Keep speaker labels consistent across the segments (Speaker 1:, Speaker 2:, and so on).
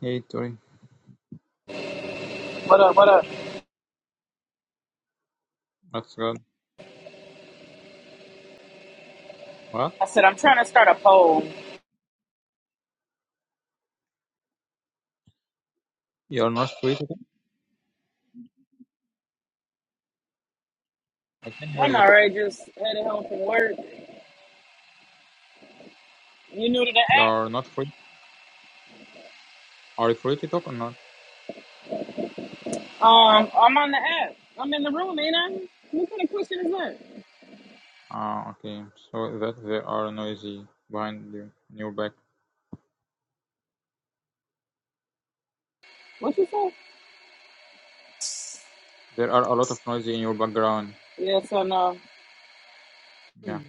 Speaker 1: Hey Tori,
Speaker 2: What up? What up?
Speaker 1: what's good? What?
Speaker 2: I said, I'm trying to start a poll.
Speaker 1: You're not free to talk? I can hear
Speaker 2: I'm
Speaker 1: you.
Speaker 2: already just headed home from work. You new to the
Speaker 1: You're
Speaker 2: app?
Speaker 1: not free. Are you free to talk or not?
Speaker 2: Um, I'm on the app. I'm in the room, ain't I? What kind of question is that?
Speaker 1: Ah, okay. So that there are noisy behind you in your back.
Speaker 2: What you say?
Speaker 1: There are a lot of noisy in your background.
Speaker 2: Yes or no.
Speaker 1: Yeah.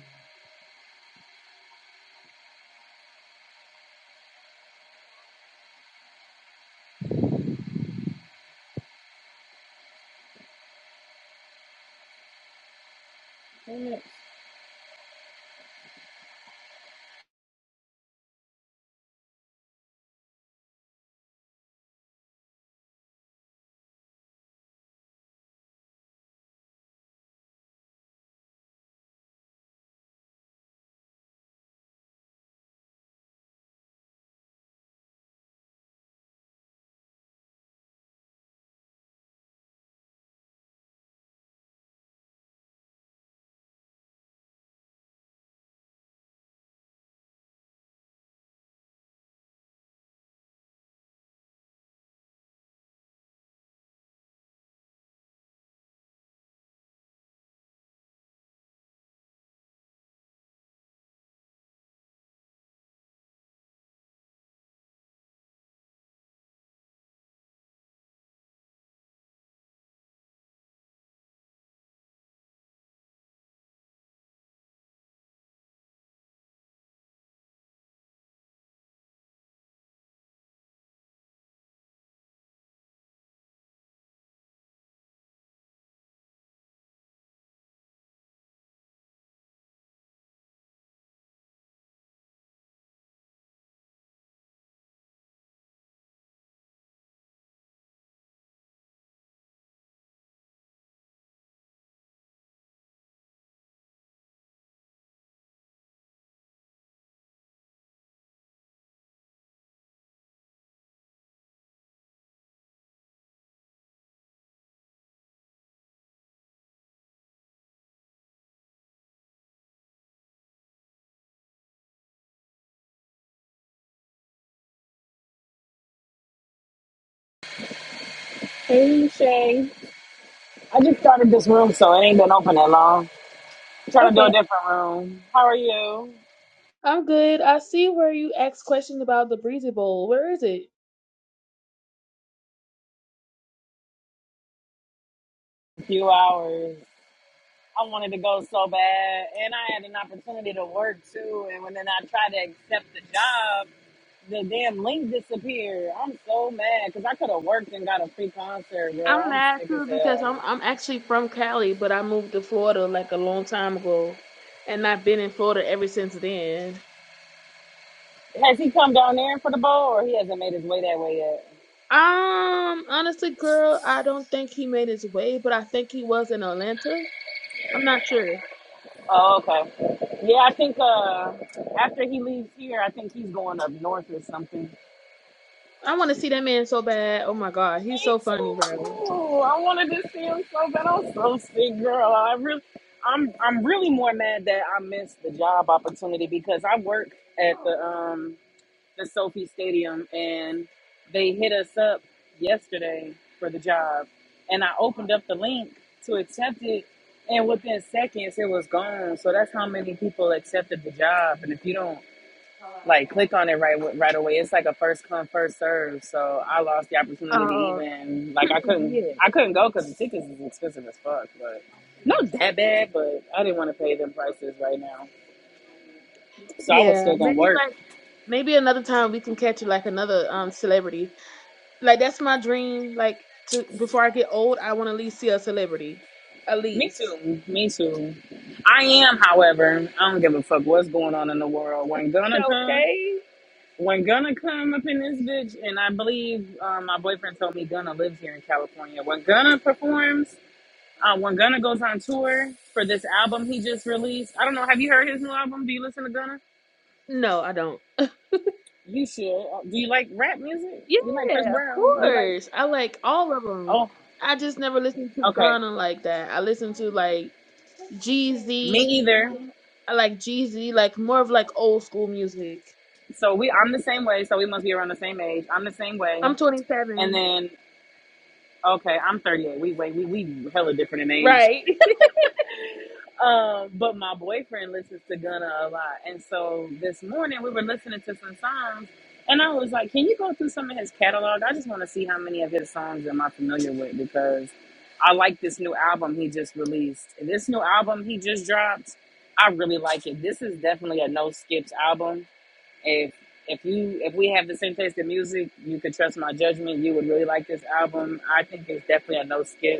Speaker 2: Hey, Shay. I just started this room, so it ain't been open that long. I'm trying to do a
Speaker 3: Okay,
Speaker 2: different room. How are you?
Speaker 3: I'm good. I see where you asked question about the Breezy Bowl. Where is it?
Speaker 2: A few hours. I wanted to go so bad, and I had an opportunity to work too. And when then I tried to accept the job, the damn link disappeared. I'm so mad because I could have worked and got a free concert,
Speaker 3: I'm
Speaker 2: bro. I'm
Speaker 3: mad
Speaker 2: sick as
Speaker 3: too because
Speaker 2: hell.
Speaker 3: I'm I'm actually from Cali, but I moved to Florida like a long time ago, and I've been in Florida ever since then.
Speaker 2: Has he come down there for the bowl, or he hasn't made his way that way yet?
Speaker 3: Um, honestly, girl, I don't think he made his way, but I think he was in Atlanta. I'm not sure.
Speaker 2: Oh, okay. Yeah, I think uh, after he leaves here, I think he's going up north or something.
Speaker 3: I want to see that man so bad. Oh my god, he's
Speaker 2: Me
Speaker 3: so funny,
Speaker 2: too.
Speaker 3: bro.
Speaker 2: I wanted to see him so bad. I'm so sick, girl. I really, I'm, I'm really more mad that I missed the job opportunity because I work at the um the Sophie Stadium, and they hit us up yesterday for the job. And I opened up the link to accept it, and within seconds, it was gone. So that's how many people accepted the job. And if you don't like click on it right right away, it's like a first come first serve. So I lost the opportunity to
Speaker 3: Uh,
Speaker 2: even like I couldn't
Speaker 3: yeah,
Speaker 2: I couldn't go because the tickets is expensive as fuck, but. Not that bad, but I didn't want to pay them prices right now. So I was
Speaker 3: yeah.
Speaker 2: still gonna
Speaker 3: Maybe
Speaker 2: work.
Speaker 3: like maybe another time we can catch like another um celebrity. Like that's my dream. Like to before I get old, I want to at least see a celebrity. At
Speaker 2: Me
Speaker 3: least.
Speaker 2: too. Me too. I am, however, I don't give a fuck what's going on in the world. When gonna come,
Speaker 3: Okay.
Speaker 2: when gonna come up in this bitch, and I believe uh, my boyfriend told me Gunna lives here in California. When Gunna performs, uh, when Gunna goes on tour for this album he just released, I don't know. Have you heard his new album? Do you listen to Gunna?
Speaker 3: No, I don't.
Speaker 2: You should. Uh, Do you like rap music?
Speaker 3: Yeah,
Speaker 2: You like Chris
Speaker 3: of
Speaker 2: Brown? You like?
Speaker 3: course. I like all of them.
Speaker 2: Oh,
Speaker 3: I just never listened to
Speaker 2: okay.
Speaker 3: Ghana like that. I listen to like
Speaker 2: Me
Speaker 3: Jeezy.
Speaker 2: either.
Speaker 3: I like Jeezy, like more of like old school music.
Speaker 2: So we, I'm the same way. So we must be around the same age. I'm the same
Speaker 3: I'm
Speaker 2: way. And
Speaker 3: 27.
Speaker 2: then Okay, I'm 38. We wait, we we hella different in age.
Speaker 3: Right.
Speaker 2: Um, but my boyfriend listens to Gunna a lot, and so this morning we were listening to some songs, and I was like, "Can you go through some of his catalog? I just want to see how many of his songs am I familiar with because I like this new album he just released. This new album he just dropped, I really like it. This is definitely a no skips album. If if you if we have the same taste in music, you could trust my judgment. You would really like this album. I think it's definitely a no skip.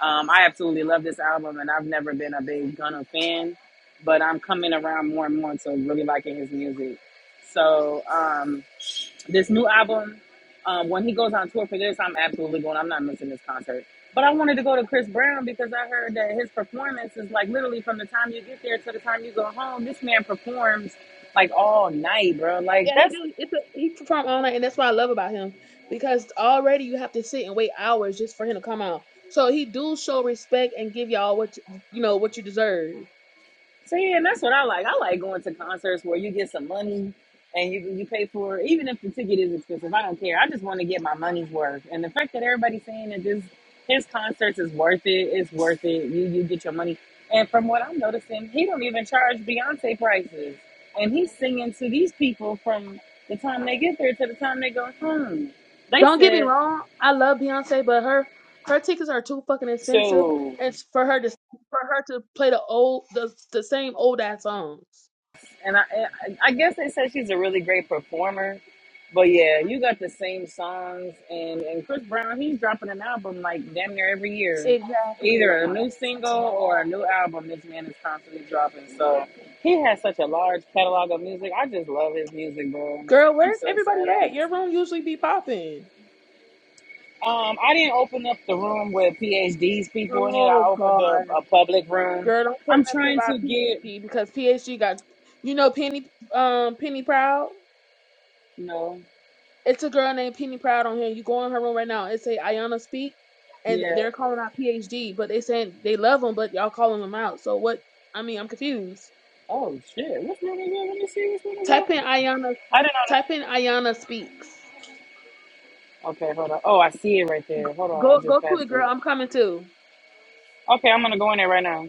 Speaker 2: Um, I absolutely love this album, and I've never been a big Gunna fan, but I'm coming around more and more to really liking his music. So um, this new album, um, when he goes on tour for this, I'm absolutely going. I'm not missing this concert. But I wanted to go to Chris Brown because I heard that his performance is like literally from the time you get there to the time you go home. This man performs like all night, bro.
Speaker 3: Yeah,
Speaker 2: Like
Speaker 3: he
Speaker 2: that's
Speaker 3: do. It's a, he perform all night, and that's what I love about him because already you have to sit and wait hours just for him to come out. So he do show respect and give y'all what you you know what you deserve.
Speaker 2: See, and that's what I like. I like going to concerts where you get some money and you you pay for it. even if the ticket is expensive. I don't care. I just want to get my money's worth. And the fact that everybody's saying that this his concerts is worth it, it's worth it. You you get your money. And from what I'm noticing, he don't even charge Beyonce prices. And he's singing to these people from the time they get there to the time they go home. They
Speaker 3: Don't get me
Speaker 2: said
Speaker 3: wrong, I love Beyonce, but her her tickets are too fucking expensive,
Speaker 2: so.
Speaker 3: and for her to for her to play the old the the same old ass songs.
Speaker 2: And I, I I guess they said she's a really great performer, but yeah, you got the same songs. And and Chris Brown, he's dropping an album like damn near every year, either a
Speaker 3: Exactly.
Speaker 2: new single or a new album. This man is constantly dropping, so he has such a large catalog of music. I just love his music, bro.
Speaker 3: Girl,
Speaker 2: I'm
Speaker 3: where's
Speaker 2: so
Speaker 3: everybody
Speaker 2: sad I'm
Speaker 3: at?
Speaker 2: missing
Speaker 3: Your room
Speaker 2: it.
Speaker 3: usually be popping.
Speaker 2: Um, I didn't open up the room with PhDs people in it.
Speaker 3: Oh
Speaker 2: I opened up
Speaker 3: God.
Speaker 2: a public room.
Speaker 3: Girl, don't say
Speaker 2: I'm
Speaker 3: nothing
Speaker 2: trying
Speaker 3: about
Speaker 2: to get,
Speaker 3: PhD because PhD got you know Penny um Penny Proud.
Speaker 2: you know,
Speaker 3: It's a girl named Penny Proud on here. You go in her room right now. It say Ayana speak, and they-
Speaker 2: yeah.
Speaker 3: they're calling out PhD, but they saying they love him, but y'all calling him out. So what? I mean, I'm confused.
Speaker 2: Oh shit! Which one is it? Let me see which one is
Speaker 3: Type in
Speaker 2: it.
Speaker 3: Ayana.
Speaker 2: I didn't know.
Speaker 3: Type in Ayana speaks.
Speaker 2: That. Okay, hold on. Oh, I see it right there. Hold on,
Speaker 3: Go
Speaker 2: I
Speaker 3: go
Speaker 2: just
Speaker 3: to it,
Speaker 2: passed
Speaker 3: girl.
Speaker 2: it.
Speaker 3: I'm coming too.
Speaker 2: Okay, I'm gonna go in there right now.